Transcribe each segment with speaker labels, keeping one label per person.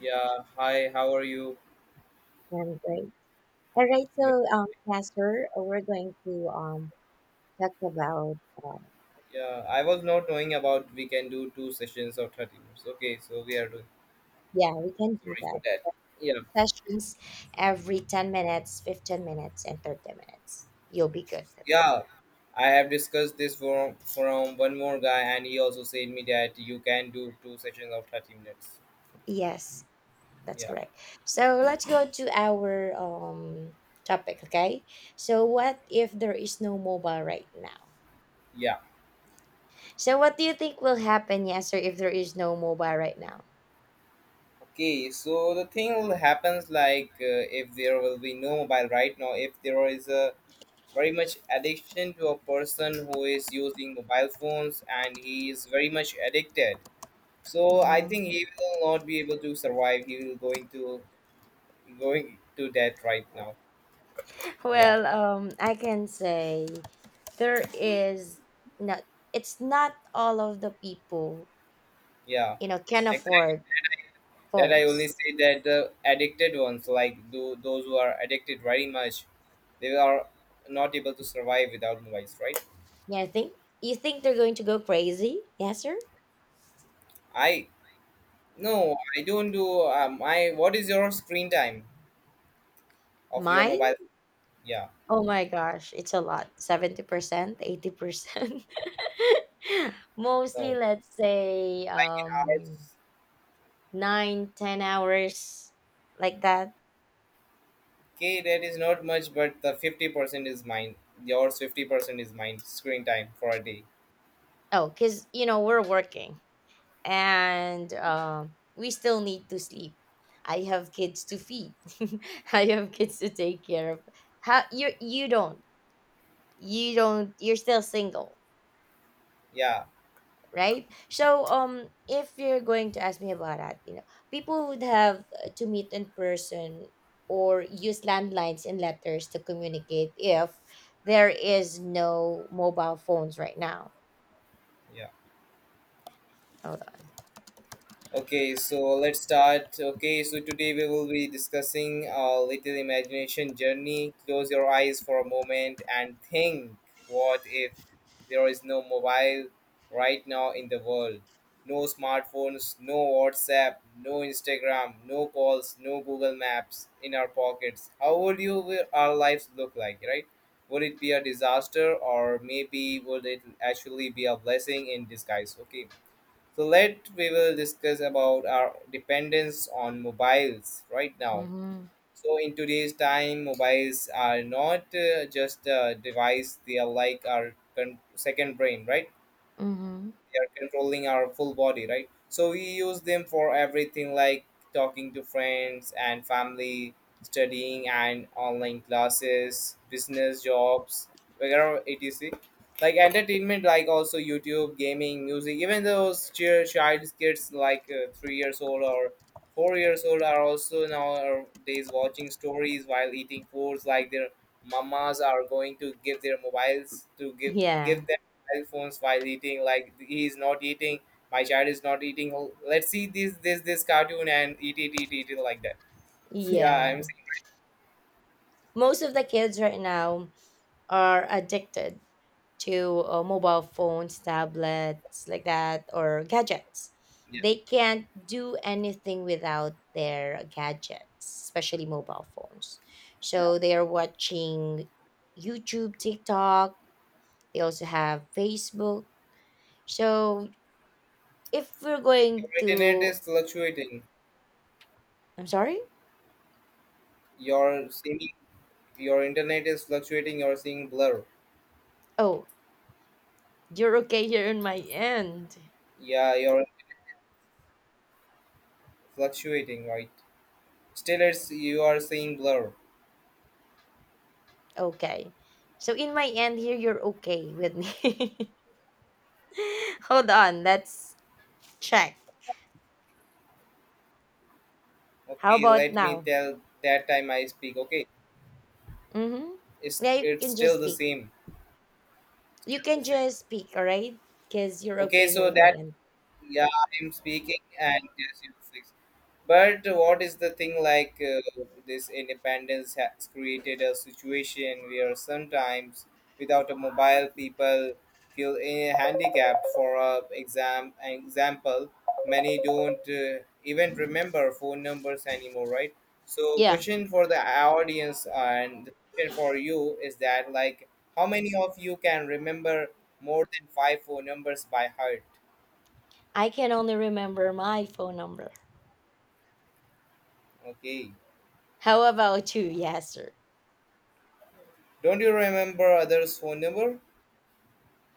Speaker 1: Yeah, hi, how are you?
Speaker 2: I'm great. All right,
Speaker 1: Yeah,
Speaker 2: so yeah, sir, we're going to talk about.
Speaker 1: yeah, I was not knowing about we can do two sessions of 30 minutes. Okay, so we are doing.
Speaker 2: Yeah, we can do
Speaker 1: Sorry for
Speaker 2: that.
Speaker 1: that. Yeah,
Speaker 2: Sessions every 10 minutes, 15 minutes, and 30 minutes. You'll be good for that.
Speaker 1: yeah. I have discussed this from one more guy, and he also said me that you can do two sessions of 30 minutes.
Speaker 2: Yes, that's
Speaker 1: Yeah,
Speaker 2: correct. So let's go to our topic. Okay, so what if there is no mobile right now?
Speaker 1: yeah.
Speaker 2: So what do you think will happen, yes, sir, if there is no mobile right now?
Speaker 1: Okay, so the thing will happens like if there will be no mobile right now, if there is a very much addiction to a person who is using mobile phones and he is very much addicted. So I
Speaker 2: Mm-hmm.
Speaker 1: think he will not be able to survive. He will going to death right now. Yeah,
Speaker 2: Well, I can say there is not. It's not all of the people
Speaker 1: yeah,
Speaker 2: can
Speaker 1: exactly.
Speaker 2: afford
Speaker 1: That I only
Speaker 2: phones.
Speaker 1: say that the addicted ones, like those who are addicted very much, they are not able to survive without mobiles, right?
Speaker 2: Yeah, I think you think they're going to go crazy. Yes, sir.
Speaker 1: I no, I don't do. I what is your screen time of your
Speaker 2: Mine.
Speaker 1: mobile? Yeah,
Speaker 2: Oh my gosh, it's a lot. 70%, 80%. Mostly,
Speaker 1: no,
Speaker 2: let's say
Speaker 1: like in ours,
Speaker 2: 9, 10 hours like that.
Speaker 1: okay, that is not much, but the 50% is mine. Yours 50% is mine. Screen time for a day.
Speaker 2: Oh, cause we're working, and we still need to sleep. I have kids to feed. I have kids to take care of. How you don't you're still single,
Speaker 1: Yeah.
Speaker 2: right? So if you're going to ask me about that, people would have to meet in person or use landlines and letters to communicate if there is no mobile phones right now.
Speaker 1: Yeah.
Speaker 2: Hold
Speaker 1: Okay, so let's start. Okay, so today we will be discussing a little imagination journey. Close your eyes for a moment and think, what if there is no mobile right now in the world? No smartphones, no WhatsApp, no Instagram, no calls, no Google Maps in our pockets. How would you our lives look like, right? Would it be a disaster, or maybe would it actually be a blessing in disguise? Okay. So let we will discuss about our dependence on mobiles right now.
Speaker 2: on.
Speaker 1: So in today's time, mobiles are not just a device; they are like our second brain, right?
Speaker 2: Mm-hmm. Mm-hmm.
Speaker 1: We are controlling our full body, right? So we use them for everything, like talking to friends and family, studying and online classes, business, jobs, whatever, etc, like entertainment, like also YouTube, gaming, music. Even those child kids, like three years old or four years old, are also nowadays watching stories while eating foods, like their mamas are going to give their mobiles to give
Speaker 2: Yeah.
Speaker 1: iPhones while eating. Like he is not eating, my child is not eating. Oh, let's see this cartoon and eat it like that. Yeah,
Speaker 2: Yeah.
Speaker 1: I'm saying
Speaker 2: Most of the kids right now are addicted to mobile phones, tablets, like that, or gadgets.
Speaker 1: yeah,
Speaker 2: They can't do anything without their gadgets, especially mobile phones.
Speaker 1: yeah.
Speaker 2: So they are watching YouTube, TikTok. They also have Facebook. So if we're
Speaker 1: Your
Speaker 2: going
Speaker 1: internet
Speaker 2: to,
Speaker 1: is fluctuating.
Speaker 2: I'm sorry.
Speaker 1: You're seeing Your internet is fluctuating. You're seeing blur.
Speaker 2: Oh, you're okay here in my end.
Speaker 1: Yeah, you're fluctuating, right? Still, it's you are seeing blur.
Speaker 2: Okay. So in my end here, you're okay with me. Hold on, let's check. How
Speaker 1: Okay,
Speaker 2: about
Speaker 1: let me
Speaker 2: now?
Speaker 1: tell that time I speak. Okay,
Speaker 2: Mm-hmm.
Speaker 1: it's
Speaker 2: Yeah, you
Speaker 1: it's
Speaker 2: can
Speaker 1: still
Speaker 2: just
Speaker 1: the
Speaker 2: speak.
Speaker 1: same.
Speaker 2: You
Speaker 1: Still the
Speaker 2: can
Speaker 1: same.
Speaker 2: just speak, all right? Because you're
Speaker 1: Okay,
Speaker 2: okay
Speaker 1: so
Speaker 2: here, my
Speaker 1: that,
Speaker 2: end.
Speaker 1: yeah, I'm speaking and yes, yes, yes. But what is the thing like, this independence has created a situation where sometimes without a mobile people feel handicapped. For a example, many don't even remember phone numbers anymore, right? So
Speaker 2: Yeah,
Speaker 1: question for the audience, and the question for you is that, like, how many of you can remember more than 5 phone numbers by heart?
Speaker 2: I can only remember my phone number.
Speaker 1: Okay.
Speaker 2: How about you? Yes, sir.
Speaker 1: Don't you remember others' phone number?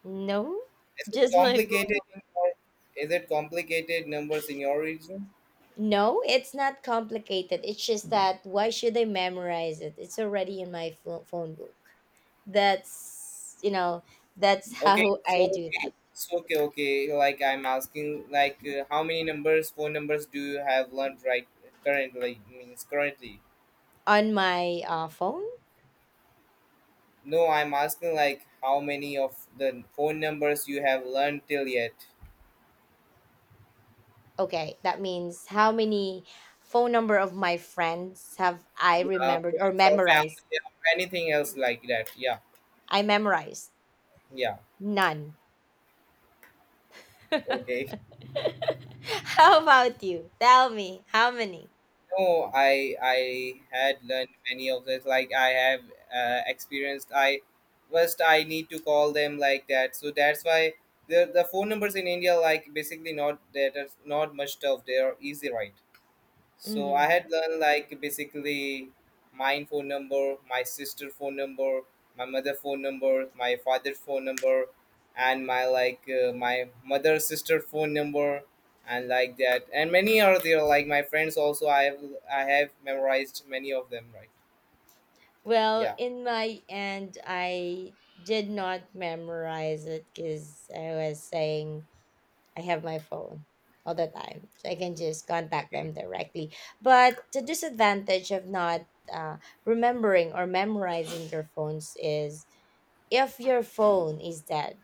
Speaker 2: No,
Speaker 1: Is it
Speaker 2: just my phone
Speaker 1: complicated in
Speaker 2: number.
Speaker 1: your, is it complicated numbers in your region?
Speaker 2: No, it's not complicated. It's just that why should I memorize it? It's already in my phone book. That's, you know, that's
Speaker 1: Okay,
Speaker 2: how I
Speaker 1: so
Speaker 2: do
Speaker 1: okay,
Speaker 2: that
Speaker 1: so okay, okay. Like I'm asking, like, how many phone numbers do you have learned right currently? Means currently.
Speaker 2: on my phone.
Speaker 1: No, I'm asking like how many of the phone numbers you have learned till yet.
Speaker 2: Okay, that means how many phone number of my friends have I remembered or
Speaker 1: Friends or
Speaker 2: memorized?
Speaker 1: family, or anything else like that. Yeah,
Speaker 2: I memorized
Speaker 1: yeah.
Speaker 2: none.
Speaker 1: Okay.
Speaker 2: How about you? Tell me how many.
Speaker 1: No, I had learned many of this. Like I have experienced. I first I need to call them like that. So that's why the phone numbers in India, like, basically not that are not much tough. They are easy, right? So I
Speaker 2: Hmm.
Speaker 1: had learned, like, basically my phone number, my sister phone number, my mother phone number, my father phone number, and my like my mother sister phone number, and like that, and many are there. Like my friends also, I have memorized many of them. Right?
Speaker 2: Well,
Speaker 1: Yeah.
Speaker 2: in my end, I did not memorize it because I was saying I have my phone all the time, so I can just contact
Speaker 1: Okay.
Speaker 2: them directly. But the disadvantage of not uh, remembering or memorizing your phones is if your phone is dead.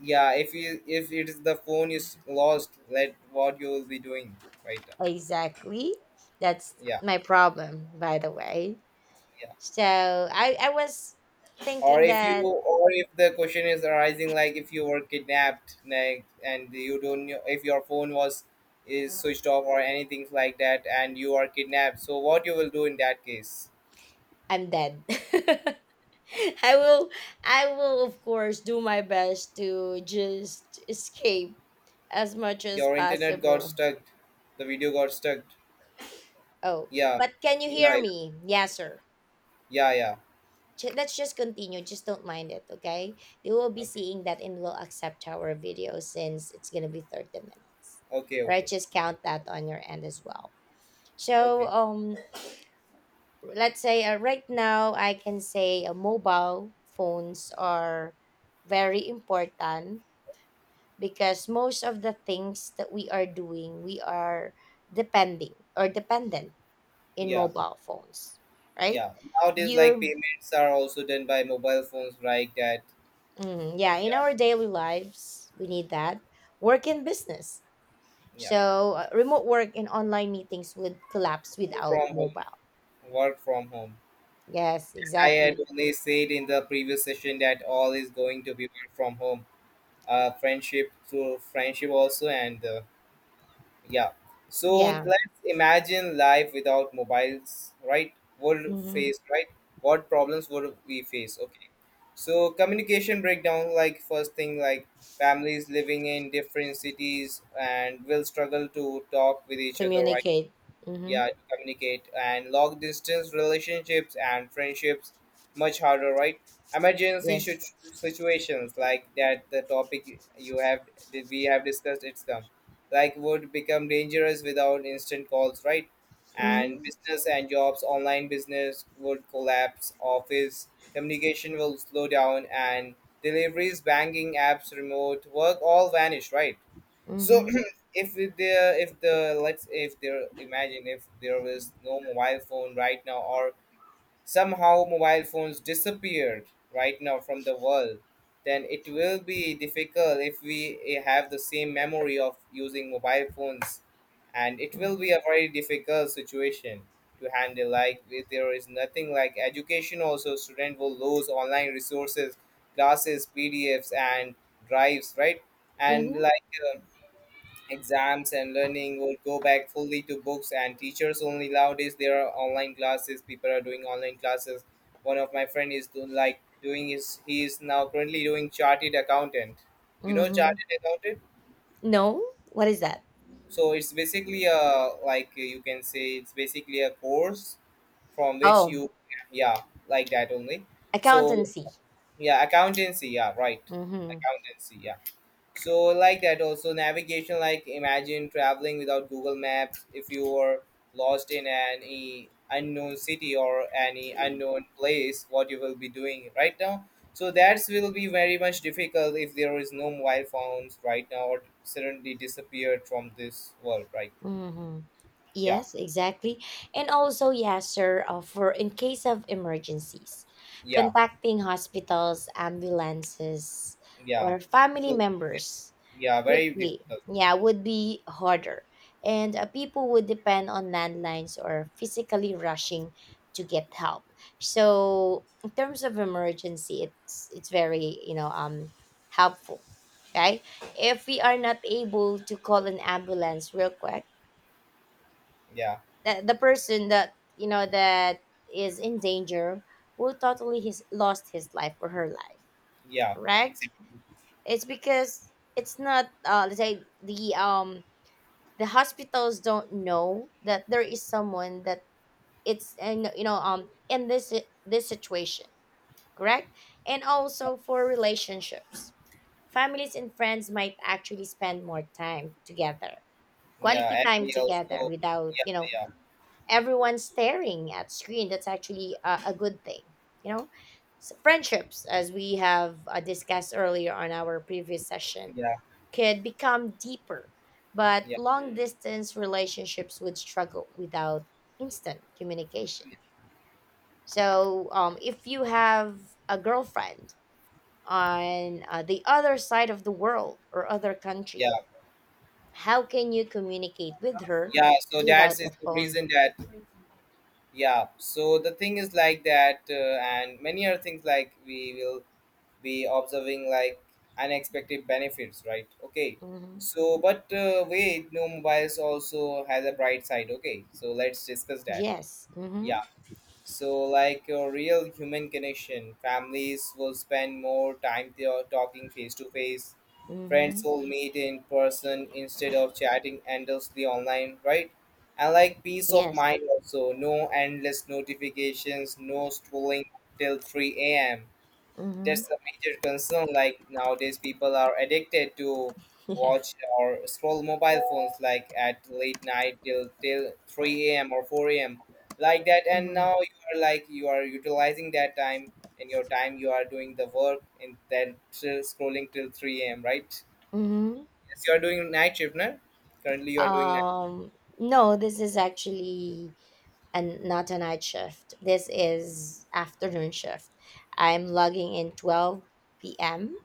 Speaker 1: Yeah. If you, if it is the phone is lost, let what you will be doing. Right?
Speaker 2: Exactly, that's
Speaker 1: Yeah.
Speaker 2: my problem. By the way, so I was
Speaker 1: Or
Speaker 2: thinking
Speaker 1: if you,
Speaker 2: that.
Speaker 1: or if the question is arising, like, if you were kidnapped, like, and you don't know if your phone was is switched off or anything like that and you are kidnapped, so what you will do in that case.
Speaker 2: I'm dead. I will I will of course do my best to just escape as much as
Speaker 1: Your internet got
Speaker 2: possible.
Speaker 1: stuck, the video got stuck.
Speaker 2: Oh,
Speaker 1: Yeah,
Speaker 2: but can you hear
Speaker 1: yeah,
Speaker 2: me? Yes, sir.
Speaker 1: yeah, yeah, yeah.
Speaker 2: Let's just continue. Just don't mind it, okay? You will be
Speaker 1: Okay,
Speaker 2: seeing that and will accept our video since it's gonna be 30 minutes.
Speaker 1: okay,
Speaker 2: All right,
Speaker 1: okay,
Speaker 2: just count that on your end as well. So,
Speaker 1: okay.
Speaker 2: let's say right now I can say mobile phones are very important because most of the things that we are doing, we are depending or dependent in
Speaker 1: Yeah,
Speaker 2: mobile phones, right?
Speaker 1: yeah. Nowadays,
Speaker 2: you're
Speaker 1: like, payments are also done by mobile phones, right? That,
Speaker 2: Mm, yeah, in
Speaker 1: yeah,
Speaker 2: our daily lives, we need that. Work and business.
Speaker 1: yeah,
Speaker 2: So, remote work and online meetings would collapse
Speaker 1: work
Speaker 2: without
Speaker 1: from home,
Speaker 2: mobile.
Speaker 1: work from home.
Speaker 2: Yes,
Speaker 1: I had
Speaker 2: exactly.
Speaker 1: only said in the previous session that all is going to be work from home, friendship, through friendship also, and yeah. So
Speaker 2: Yeah.
Speaker 1: let's imagine life without mobiles, right? Would
Speaker 2: Mm-hmm.
Speaker 1: face, right? What problems would we face? Okay. So communication breakdown, like first thing, like, families living in different cities and will struggle to talk with each other, right?
Speaker 2: Communicate. Mm-hmm.
Speaker 1: Yeah, to communicate, and long distance relationships and friendships much harder, right? Emergency
Speaker 2: Yes.
Speaker 1: situations, like that, the topic you have, we have discussed, it's come, like, would become dangerous without instant calls, right? And
Speaker 2: Mm-hmm.
Speaker 1: business and jobs, online business would collapse, office communication will slow down, and deliveries, banking apps, remote work, all vanish, right? So
Speaker 2: Mm-hmm.
Speaker 1: if there, if the, let's, if there, imagine if there was no mobile phone right now, or somehow mobile phones disappeared right now from the world, then it will be difficult if we have the same memory of using mobile phones, and it will be a very difficult situation to handle. Like if there is nothing like education, also student will lose online resources, classes, PDFs, and drives, right? And
Speaker 2: Mm-hmm.
Speaker 1: like. Uh, Exams and learning would go back fully to books and teachers only. Nowadays, there are online classes. People are doing online classes. One of my friend is doing, like, doing is he is now currently doing chartered accountant. You know
Speaker 2: Mm-hmm.
Speaker 1: chartered accountant.
Speaker 2: No? What is that?
Speaker 1: So it's basically a, like, you can say it's basically a course from which
Speaker 2: Oh,
Speaker 1: you, yeah, like that only. So
Speaker 2: accountancy.
Speaker 1: yeah, accountancy. Yeah, right.
Speaker 2: Mm-hmm.
Speaker 1: Accountancy. Yeah, so like that also navigation, like, imagine traveling without Google Maps. If you were lost in any unknown city or any unknown place, what you will be doing right now? So that will be very much difficult if there is no mobile phones right now or suddenly disappeared from this world, right?
Speaker 2: Mm-hmm.
Speaker 1: Yeah,
Speaker 2: Yes, exactly. And also, yes, sir, for in case of emergencies,
Speaker 1: yeah,
Speaker 2: contacting hospitals, ambulances,
Speaker 1: yeah,
Speaker 2: or family
Speaker 1: so,
Speaker 2: members
Speaker 1: yeah, very
Speaker 2: quickly,
Speaker 1: difficult.
Speaker 2: yeah, would be harder. And people would depend on landlines or physically rushing to get help. So, in terms of emergency, it's very, helpful, right? If we are not able to call an ambulance real quick,
Speaker 1: Yeah,
Speaker 2: the person that you know that is in danger will totally his lost his life or her life,
Speaker 1: yeah,
Speaker 2: correct.
Speaker 1: exactly.
Speaker 2: It's because it's not, let's say, the hospitals don't know that there is someone that it's, and in this situation, correct. And
Speaker 1: Yeah,
Speaker 2: also for relationships, families and friends might actually spend more time together, quality
Speaker 1: yeah, and
Speaker 2: time
Speaker 1: we
Speaker 2: together
Speaker 1: also
Speaker 2: without
Speaker 1: yeah, yeah,
Speaker 2: everyone staring at screen. That's actually a good thing you know so friendships, as we have discussed earlier on our previous session,
Speaker 1: yeah,
Speaker 2: could become deeper, but
Speaker 1: yeah,
Speaker 2: long distance relationships would struggle without instant communication. So if you have a girlfriend on the other side of the world or other
Speaker 1: yeah,
Speaker 2: country, how can you communicate with her
Speaker 1: yeah. So that
Speaker 2: without
Speaker 1: is
Speaker 2: the
Speaker 1: the
Speaker 2: phone?
Speaker 1: reason that, yeah, so the thing is like that, and many other things like we will be observing, like, unexpected benefits, right? Okay,
Speaker 2: Hmm.
Speaker 1: so but wait, no mobiles also has a bright side. Okay, so let's discuss that.
Speaker 2: Yes. Hmm.
Speaker 1: Yeah. So, like, a real human connection, families will spend more time there talking face to face. Friends
Speaker 2: Mm-hmm.
Speaker 1: will meet in person instead of chatting endlessly online, right? And like peace of
Speaker 2: Yes.
Speaker 1: mind also, no endless notifications, no scrolling till 3 a.m,
Speaker 2: Mm-hmm.
Speaker 1: that's a major concern. Like nowadays, people are addicted to
Speaker 2: Yeah.
Speaker 1: watch or scroll mobile phones, like, at late night till 3 a.m. or 4 a.m. like that. And
Speaker 2: Mm-hmm.
Speaker 1: now you are, like, you are utilizing that time in your time. You are doing the work and then still scrolling till 3 a.m. Right?
Speaker 2: Mm-hmm.
Speaker 1: Yes, you are doing night shift, no? Currently, you are doing night.
Speaker 2: Um, no, this is actually not a night shift. This is afternoon shift. I'm logging in 12 p.m.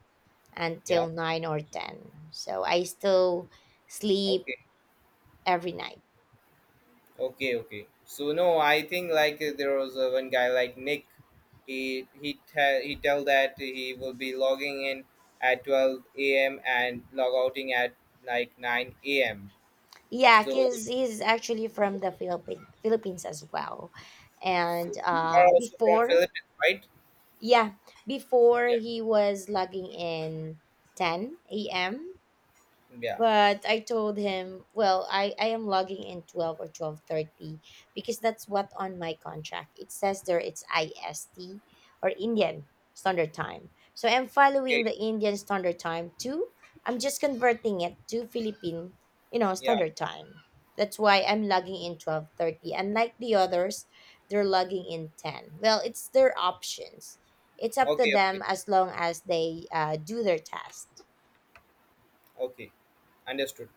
Speaker 1: Yeah.
Speaker 2: until 9 or 10. So I still sleep
Speaker 1: Okay.
Speaker 2: every night.
Speaker 1: Okay. Okay. So no, I think like, there was one guy like Nick. He he tell that he will be logging in at 12 a.m. and log outing at like 9 a.m.
Speaker 2: Yeah,
Speaker 1: So,
Speaker 2: because he's actually from the Philippines as well. And
Speaker 1: so you are also from
Speaker 2: before,
Speaker 1: Philippines, right?
Speaker 2: yeah, before
Speaker 1: Yeah.
Speaker 2: he was logging in 10 a.m.
Speaker 1: Yeah.
Speaker 2: But I told him, well, I am logging in 12 or 12:30 because that's what on my contract it says there. It's IST or Indian standard time, so I'm following
Speaker 1: Okay.
Speaker 2: the Indian standard time too. I'm just converting it to Philippine
Speaker 1: Yeah.
Speaker 2: standard time. That's why I'm logging in 12:30, and like the others, they're logging in 10. Well, it's their options. It's up to
Speaker 1: Okay. Okay.
Speaker 2: them as long as they do their test.
Speaker 1: Okay. Understood.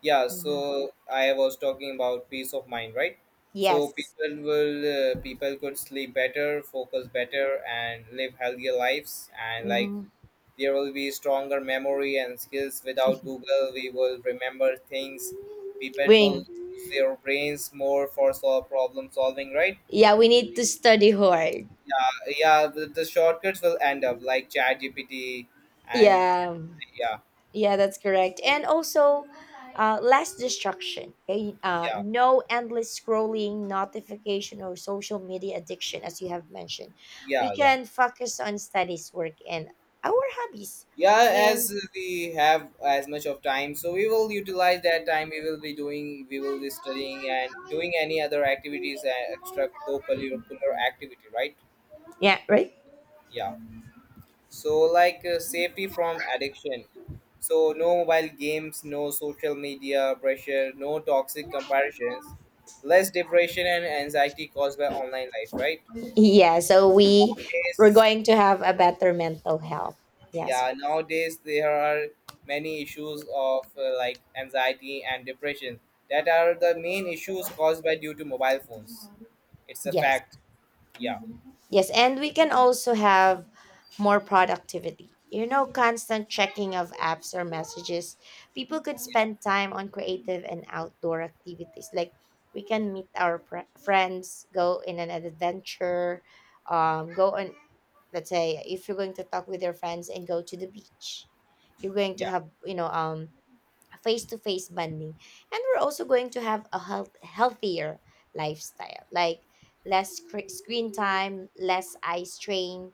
Speaker 1: Yeah.
Speaker 2: Hmm.
Speaker 1: So I was talking about peace of mind, right? So
Speaker 2: Yes.
Speaker 1: people will people could sleep better, focus better, and live healthier lives. And like
Speaker 2: Mhm.
Speaker 1: there will be stronger memory and skills. Without Google, we will remember things. People will
Speaker 2: Wing.
Speaker 1: use their brains more for solve problem solving, right?
Speaker 2: Yeah, we need to study hard.
Speaker 1: Yeah, yeah. The shortcuts will end up like ChatGPT and
Speaker 2: Yeah.
Speaker 1: yeah,
Speaker 2: Yeah, that's correct. And also, less distraction. Okay?
Speaker 1: yeah,
Speaker 2: No endless scrolling, notification, or social media addiction, as you have mentioned. We
Speaker 1: yeah, yeah.
Speaker 2: can focus on studies, work, and our hobbies.
Speaker 1: Yeah,
Speaker 2: And
Speaker 1: as we have as much of time, so we will utilize that time. We will be doing, we will be studying and doing any other activities, extra co-curricular activity, right?
Speaker 2: yeah, right?
Speaker 1: Yeah. So, like, safety from addiction. So, no mobile games, no social media pressure, no toxic comparisons, less depression and anxiety caused by online life, right?
Speaker 2: Yeah, so we're
Speaker 1: Yes.
Speaker 2: going to have a better mental health. Yes,
Speaker 1: Yeah, nowadays there are many issues of like anxiety and depression that are the main issues caused by due to mobile phones. It's a
Speaker 2: yes,
Speaker 1: fact. Yeah,
Speaker 2: yes, and we can also have more productivity. Constant checking of apps or messages. People could spend time on creative and outdoor activities. Like we can meet our friends, go in an adventure, go on. Let's say if you're going to talk with your friends and go to the beach, you're going to
Speaker 1: yeah,
Speaker 2: have face to face bonding. And we're also going to have a healthier lifestyle, like less screen time, less eye strain,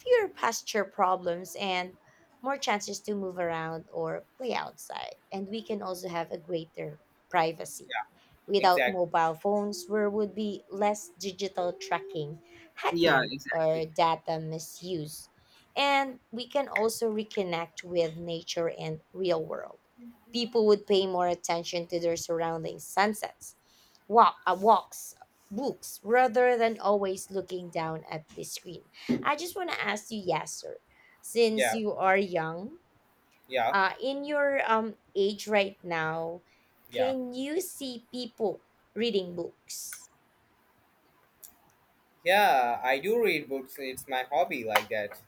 Speaker 2: fewer posture problems, and more chances to move around or play outside. And we can also have a greater privacy.
Speaker 1: yeah,
Speaker 2: Without
Speaker 1: exactly.
Speaker 2: mobile phones, there would be less digital tracking,
Speaker 1: Yeah.
Speaker 2: hacking, or data misuse. And we can also reconnect with nature and real world. People would pay more attention to their surrounding sunsets, walks, books, rather than always looking down at the screen. I just want to ask you, yes, sir, since
Speaker 1: Yeah,
Speaker 2: you are young
Speaker 1: yeah,
Speaker 2: in your age right now,
Speaker 1: yeah.
Speaker 2: can you see people reading books?
Speaker 1: Yeah, I do read books. It's my hobby like that.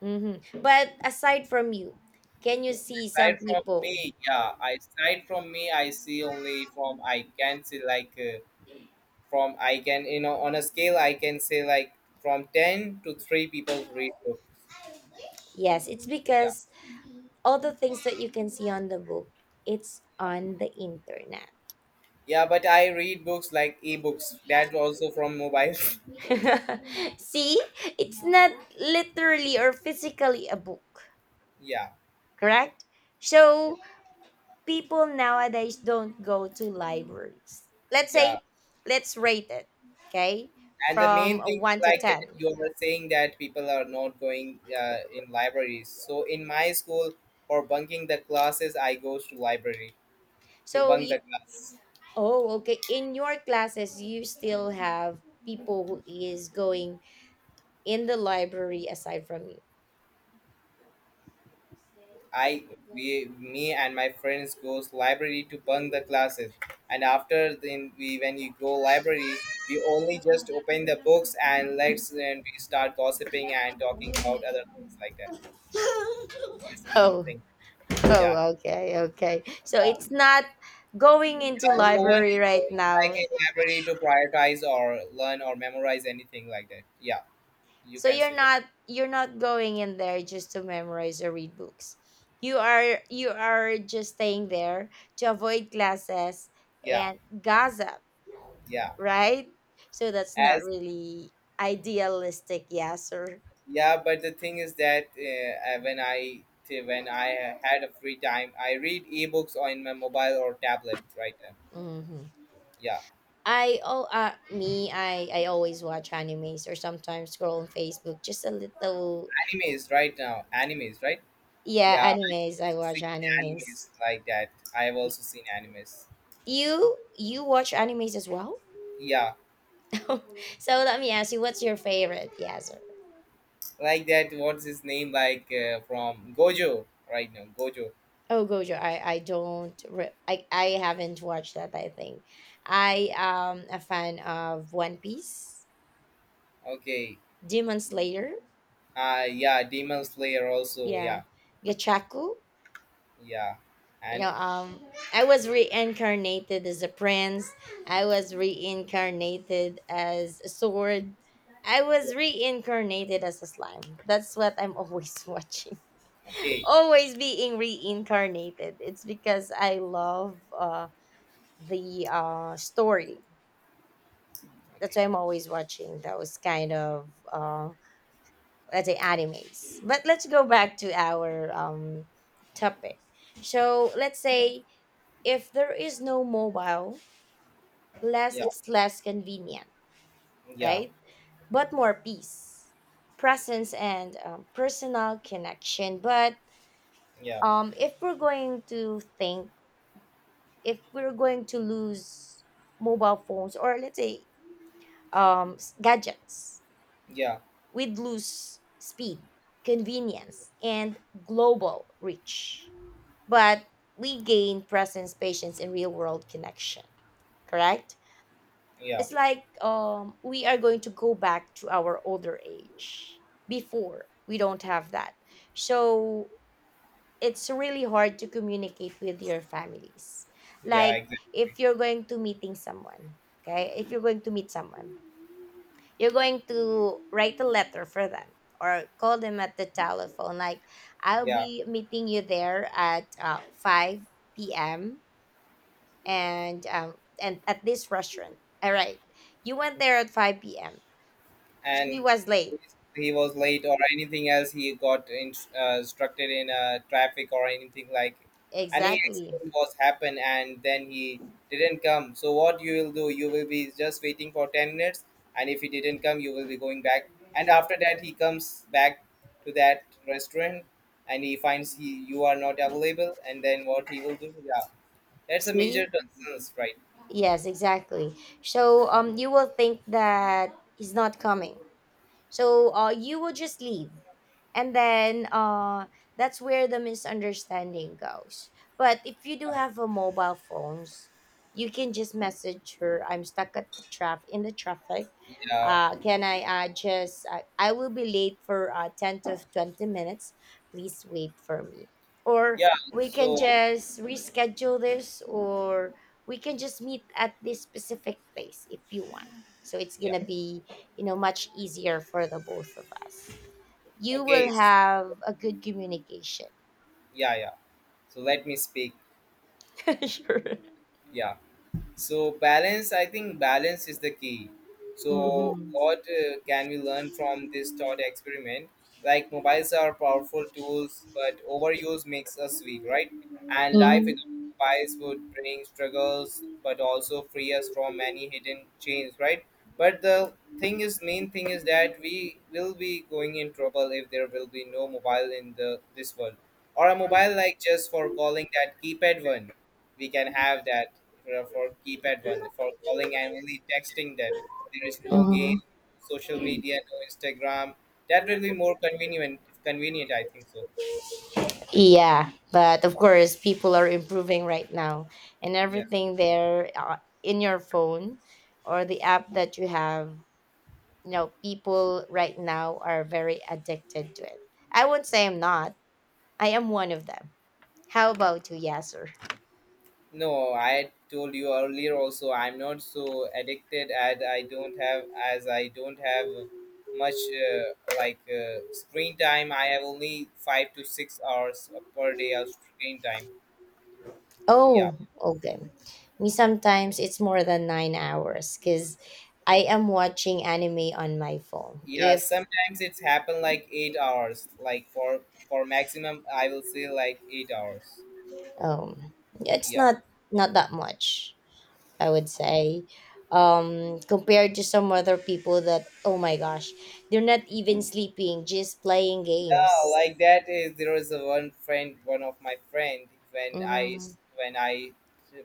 Speaker 2: Hmm. But aside from you, can you see some
Speaker 1: Aside from
Speaker 2: people?
Speaker 1: me, yeah, I see only from I can see like from I can on a scale I can say like from 10 to 3 people read books.
Speaker 2: Yes, it's
Speaker 1: Yeah,
Speaker 2: because all the things that you can see on the book, it's on the internet.
Speaker 1: yeah, but I read books like ebooks. That also from mobile.
Speaker 2: See, it's not literally or physically a book,
Speaker 1: yeah,
Speaker 2: correct? So people nowadays don't go to libraries. Let's
Speaker 1: yeah,
Speaker 2: say, let's rate it, okay,
Speaker 1: and the
Speaker 2: from
Speaker 1: main thing is
Speaker 2: one to
Speaker 1: like that
Speaker 2: ten.
Speaker 1: you were saying that people are not going in libraries. So in my school, for bunking the classes, I goes to library to
Speaker 2: So,
Speaker 1: bunk the class.
Speaker 2: oh, okay, in your classes, you still have people who is going in the library aside from you.
Speaker 1: I we me and my friends goes library to bunk the classes, and after then we when you go library, we only just open the books and let's and we start gossiping and talking about other things like that. This was the
Speaker 2: Oh,
Speaker 1: thing. Yeah,
Speaker 2: oh, okay, okay. So
Speaker 1: yeah.
Speaker 2: it's not going into
Speaker 1: And no one
Speaker 2: library
Speaker 1: is
Speaker 2: right
Speaker 1: going like
Speaker 2: now.
Speaker 1: in library to prioritize or learn or memorize anything like that. Yeah, you
Speaker 2: So
Speaker 1: can say that.
Speaker 2: you're not going in there just to memorize or read books. You are just staying there to avoid classes
Speaker 1: Yeah,
Speaker 2: and gossip,
Speaker 1: yeah.
Speaker 2: right? So that's not
Speaker 1: As
Speaker 2: really idealistic, yeah, sir.
Speaker 1: yeah but the thing is that when I had a free time I read ebooks on my mobile or tablet right now.
Speaker 2: Hmm.
Speaker 1: Yeah,
Speaker 2: I oh me I always watch animes or sometimes scroll on Facebook just a little.
Speaker 1: animes right now, animes, right.
Speaker 2: Yeah,
Speaker 1: Yeah, I've
Speaker 2: animes, I
Speaker 1: also
Speaker 2: watch
Speaker 1: seen
Speaker 2: animes.
Speaker 1: animes like that I've also seen animes.
Speaker 2: You watch animes as well.
Speaker 1: Yeah,
Speaker 2: So let me ask you, what's your favorite, yeah, sir?
Speaker 1: like that. What's his name, like from Gojo right now, Gojo.
Speaker 2: Oh, Gojo, I don't, re- I haven't watched that. I think I am a fan of One Piece,
Speaker 1: Okay.
Speaker 2: Demon Slayer,
Speaker 1: Yeah, Demon Slayer also.
Speaker 2: yeah,
Speaker 1: Yeah,
Speaker 2: Gachaku.
Speaker 1: yeah
Speaker 2: You
Speaker 1: and
Speaker 2: know, um, I was reincarnated as a prince. I was reincarnated as a sword. I
Speaker 1: yeah.
Speaker 2: was reincarnated as a slime. That's what I'm always watching.
Speaker 1: Okay,
Speaker 2: Always being reincarnated. It's because I love the story. That's
Speaker 1: okay.
Speaker 2: why I'm always watching those kind of let's say animes. But let's go back to our topic. So let's say if there is no mobile, less
Speaker 1: Yeah,
Speaker 2: it's less convenient,
Speaker 1: yeah,
Speaker 2: right? But more peace, presence, and personal connection. But
Speaker 1: yeah,
Speaker 2: if we're going to think, if we're going to lose mobile phones or let's say gadgets,
Speaker 1: yeah,
Speaker 2: we'd lose speed, convenience, and global reach. But we gain presence, patience, and real world connection, correct?
Speaker 1: yeah.
Speaker 2: It's like we are going to go back to our older age. Before, we don't have that. So it's really hard to communicate with your families.
Speaker 1: Yeah,
Speaker 2: Like
Speaker 1: exactly.
Speaker 2: if you're going to meeting someone, okay? If you're going to meet someone, you're going to write a letter for them or call them at the telephone. Like, I'll
Speaker 1: Yeah,
Speaker 2: be meeting you there at 5 p.m. and um, and at this restaurant. All right. You went there at 5 p.m. She
Speaker 1: and
Speaker 2: was late.
Speaker 1: he was late or anything else. He got instructed in traffic or anything like any
Speaker 2: Exactly.
Speaker 1: accident was happened, and then he didn't come. So what you will do? You will be just waiting for 10 minutes, and if he didn't come, you will be going back. And after that, he comes back to that restaurant, and he finds he you are not available. And then what he will do? Yeah, that's a major
Speaker 2: See?
Speaker 1: concern, right?
Speaker 2: Yes, exactly. So you will think that he's not coming. So you will just leave and then that's where the misunderstanding goes, but if you do
Speaker 1: Yeah,
Speaker 2: have a mobile phones, you can just message her, "I'm stuck at the traffic, in the traffic
Speaker 1: yeah,
Speaker 2: uh Can I will be late for 10 to 20 minutes. Please wait for me, or
Speaker 1: yeah.
Speaker 2: we can
Speaker 1: So
Speaker 2: just reschedule this, or we can just meet at this specific place if you want. So it's
Speaker 1: yeah.
Speaker 2: gonna be, you know, much easier for the both of us. You
Speaker 1: Okay.
Speaker 2: will have a good communication."
Speaker 1: Yeah, yeah. So let me speak.
Speaker 2: Sure.
Speaker 1: Yeah. So balance, I think balance is the key. So
Speaker 2: Hmm.
Speaker 1: what can we learn from this thought experiment? Like mobiles are powerful tools, but overuse makes us weak, right? And life without
Speaker 2: Hmm.
Speaker 1: mobiles would bring struggles, but also free us from many hidden chains, right? But main thing is that we will be going in trouble if there will be no mobile in the this world, or a mobile like just for calling, that keypad one we can have that. You for keypad one for calling and only texting, that there is no
Speaker 2: Hmm.
Speaker 1: game, social media, no Instagram. That will be more convenient, I think so.
Speaker 2: Yeah, but of course, people are improving right now, and
Speaker 1: Yeah,
Speaker 2: everything there in your phone or the app that you have, you know, people right now are very addicted to it. I won't say I'm not. I am one of them. How about you, Yasser?
Speaker 1: no, I told you earlier also, I'm not so addicted, and I don't have much screen time. I have only 5 to 6 hours per day of screen time. Yeah.
Speaker 2: Oh, okay. Me, sometimes it's more than 9 hours because I am watching anime on my phone.
Speaker 1: Yeah,
Speaker 2: If
Speaker 1: sometimes it's happen like 8 hours. Like for maximum, I will say like 8 hours.
Speaker 2: um, it's
Speaker 1: Yeah,
Speaker 2: not not that much, I
Speaker 1: yeah,
Speaker 2: would say, compared to some other people that, oh my gosh, they're not even sleeping, just playing games.
Speaker 1: yeah. Like that is there was a one friend, one of my friend.
Speaker 2: Mm-hmm.
Speaker 1: When I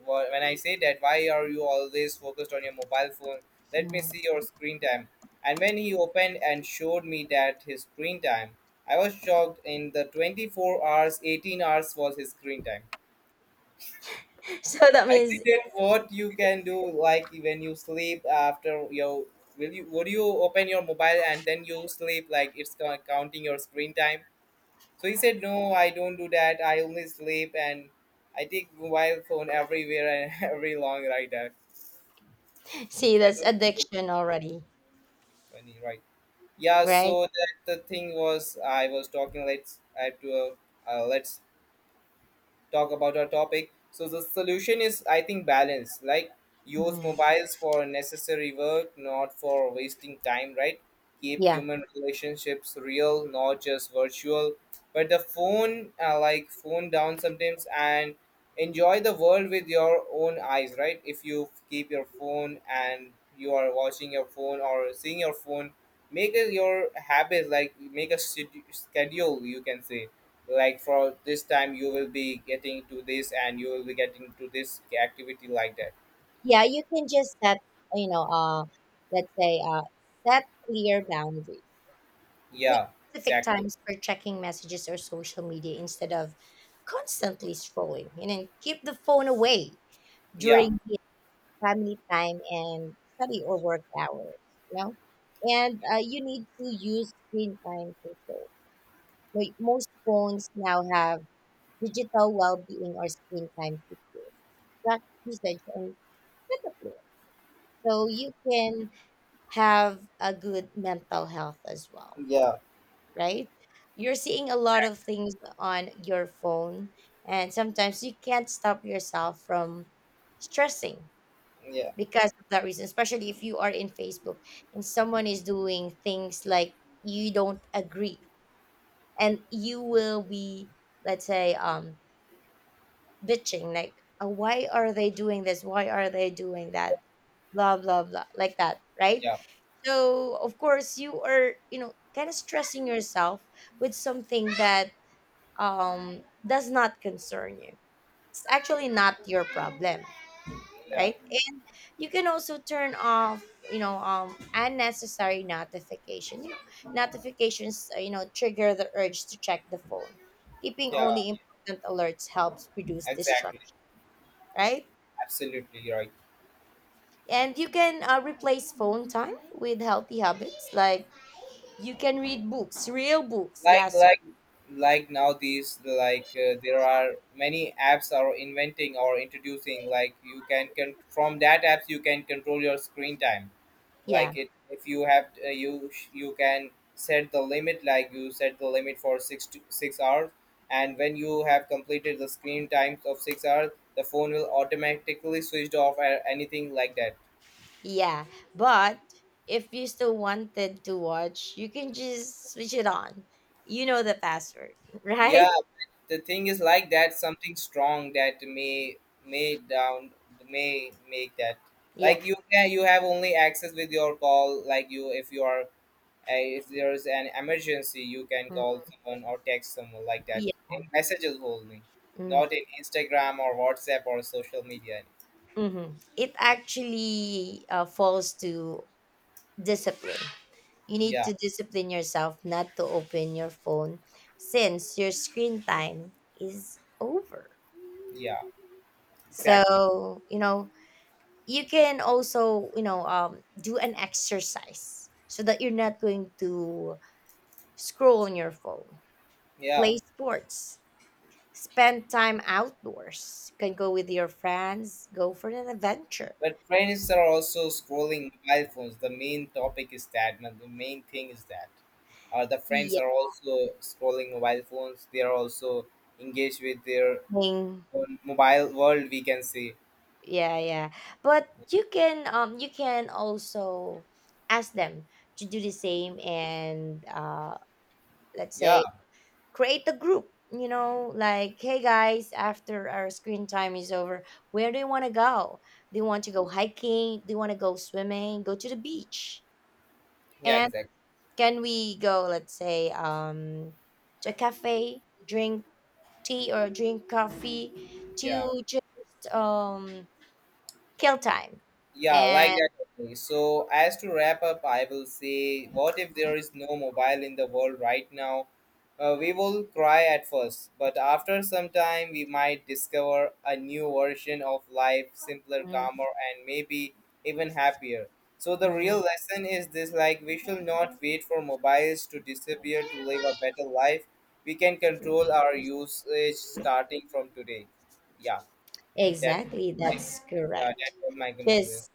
Speaker 1: when I say that, why are you always focused on your mobile phone? Let me see your screen time. And when he opened and showed me that his screen time, I was shocked. In the 24 hours, 18 hours was his screen time.
Speaker 2: So that
Speaker 1: I see
Speaker 2: means,
Speaker 1: that what you can do, like when you sleep after your will you would you open your mobile and then you sleep, like it's counting your screen time. So he said, no, I don't do that. I only sleep and I take mobile phone everywhere and every long ride. That
Speaker 2: see,
Speaker 1: that
Speaker 2: that's
Speaker 1: was so
Speaker 2: addiction already,
Speaker 1: funny, right? Yeah.
Speaker 2: right?
Speaker 1: So that the thing was, I was talking. Let's I have to let's talk about our topic. So the solution is, I think, balance. Like use
Speaker 2: Mhm.
Speaker 1: mobiles for necessary work, not for wasting time. Right? Keep
Speaker 2: Yeah.
Speaker 1: human relationships real, not just virtual. But the phone, phone down sometimes, and enjoy the world with your own eyes. Right? If you keep your phone and you are watching your phone or seeing your phone, make it your habit. Like make a schedule, you can say, like for this time you will be getting to this and you will be getting to this activity like that.
Speaker 2: Yeah, you can just set, you know, let's say, set clear boundaries. Pick
Speaker 1: Yeah,
Speaker 2: specific
Speaker 1: exactly.
Speaker 2: times for checking messages or social media instead of constantly scrolling, and then keep the phone away
Speaker 1: Yeah,
Speaker 2: during the family time and study or work hours, you know. And you need to use screen time control. Like, most phones now have digital well-being or screen time features, track usage and set up limits, so you can have a good mental health as well,
Speaker 1: yeah,
Speaker 2: right? You're seeing a lot of things on your phone, and sometimes you can't stop yourself from stressing
Speaker 1: yeah,
Speaker 2: because of that reason, especially if you are in Facebook and someone is doing things like you don't agree, and you will be, let's say, bitching, like, "Oh, why are they doing this? Why are they doing that? Blah, blah, blah," like that, right?
Speaker 1: yeah,
Speaker 2: So of course you are, you know, kind of stressing yourself with something that does not concern you. It's actually not your problem,
Speaker 1: yeah,
Speaker 2: right? And you can also turn off, you know, unnecessary notification. You know, notifications, you know, trigger the urge to check the phone. Keeping
Speaker 1: yeah,
Speaker 2: only important alerts helps reduce
Speaker 1: exactly,
Speaker 2: distraction, right?
Speaker 1: absolutely right.
Speaker 2: And you can replace phone time with healthy habits, like you can read books, real books.
Speaker 1: like
Speaker 2: Yes.
Speaker 1: like like nowadays, like there are many apps are inventing or introducing, like you can from that apps you can control your screen time.
Speaker 2: Yeah,
Speaker 1: Like it if you have you can set the limit, like you set the limit for 6 to 6 hours, and when you have completed the screen times of 6 hours, the phone will automatically switched off or anything like that.
Speaker 2: yeah. But if you still wanted to watch, you can just switch it on. You know the password.
Speaker 1: Yeah,
Speaker 2: Right?
Speaker 1: the thing is like that, something strong that may down may make that.
Speaker 2: Yeah.
Speaker 1: Like you can, you have only access with your call, like you if you are if there's an emergency, you can call
Speaker 2: Mhm.
Speaker 1: someone or text someone like that.
Speaker 2: Yeah.
Speaker 1: In messages only,
Speaker 2: Mm.
Speaker 1: not in Instagram or WhatsApp or social media.
Speaker 2: Mm-hmm. It
Speaker 1: Yeah,
Speaker 2: actually falls to discipline. You need
Speaker 1: yeah,
Speaker 2: to discipline yourself not to open your phone since your screen time is over.
Speaker 1: yeah, exactly.
Speaker 2: So, you know, you can also, you know, do an exercise so that you're not going to scroll on your phone,
Speaker 1: Yeah,
Speaker 2: play sports, spend time outdoors, can go with your friends, go for an adventure.
Speaker 1: but friends are also scrolling mobile phones. The main topic is that, man. The main thing is that. The friends
Speaker 2: Yeah.
Speaker 1: are also scrolling mobile phones. They are also engaged with their
Speaker 2: Thing.
Speaker 1: own mobile world, we can say.
Speaker 2: Yeah, yeah. But you can, you can also ask them to do the same, and let's
Speaker 1: Yeah,
Speaker 2: say create a group, you know, like, "Hey guys, after our screen time is over, where do you want to go? Do you want to go hiking? Do you want to go swimming? Go to the beach."
Speaker 1: yeah,
Speaker 2: And
Speaker 1: exactly.
Speaker 2: can we go, let's say, to a cafe, drink tea or drink coffee
Speaker 1: Yeah.
Speaker 2: to just kill time?
Speaker 1: Yeah, like
Speaker 2: And
Speaker 1: that only. So, as to wrap up, I will say, what if there is no mobile in the world right now? We will cry at first, but after some time, we might discover a new version of life, simpler, calmer, and maybe even happier. So, the real
Speaker 2: mm,
Speaker 1: lesson is this, like, we shall not wait for mobiles to disappear to live a better life. We can control our usage starting from today. Yeah, that,
Speaker 2: exactly,
Speaker 1: I,
Speaker 2: that's
Speaker 1: yeah, that
Speaker 2: correct.
Speaker 1: was my conclusion.
Speaker 2: Just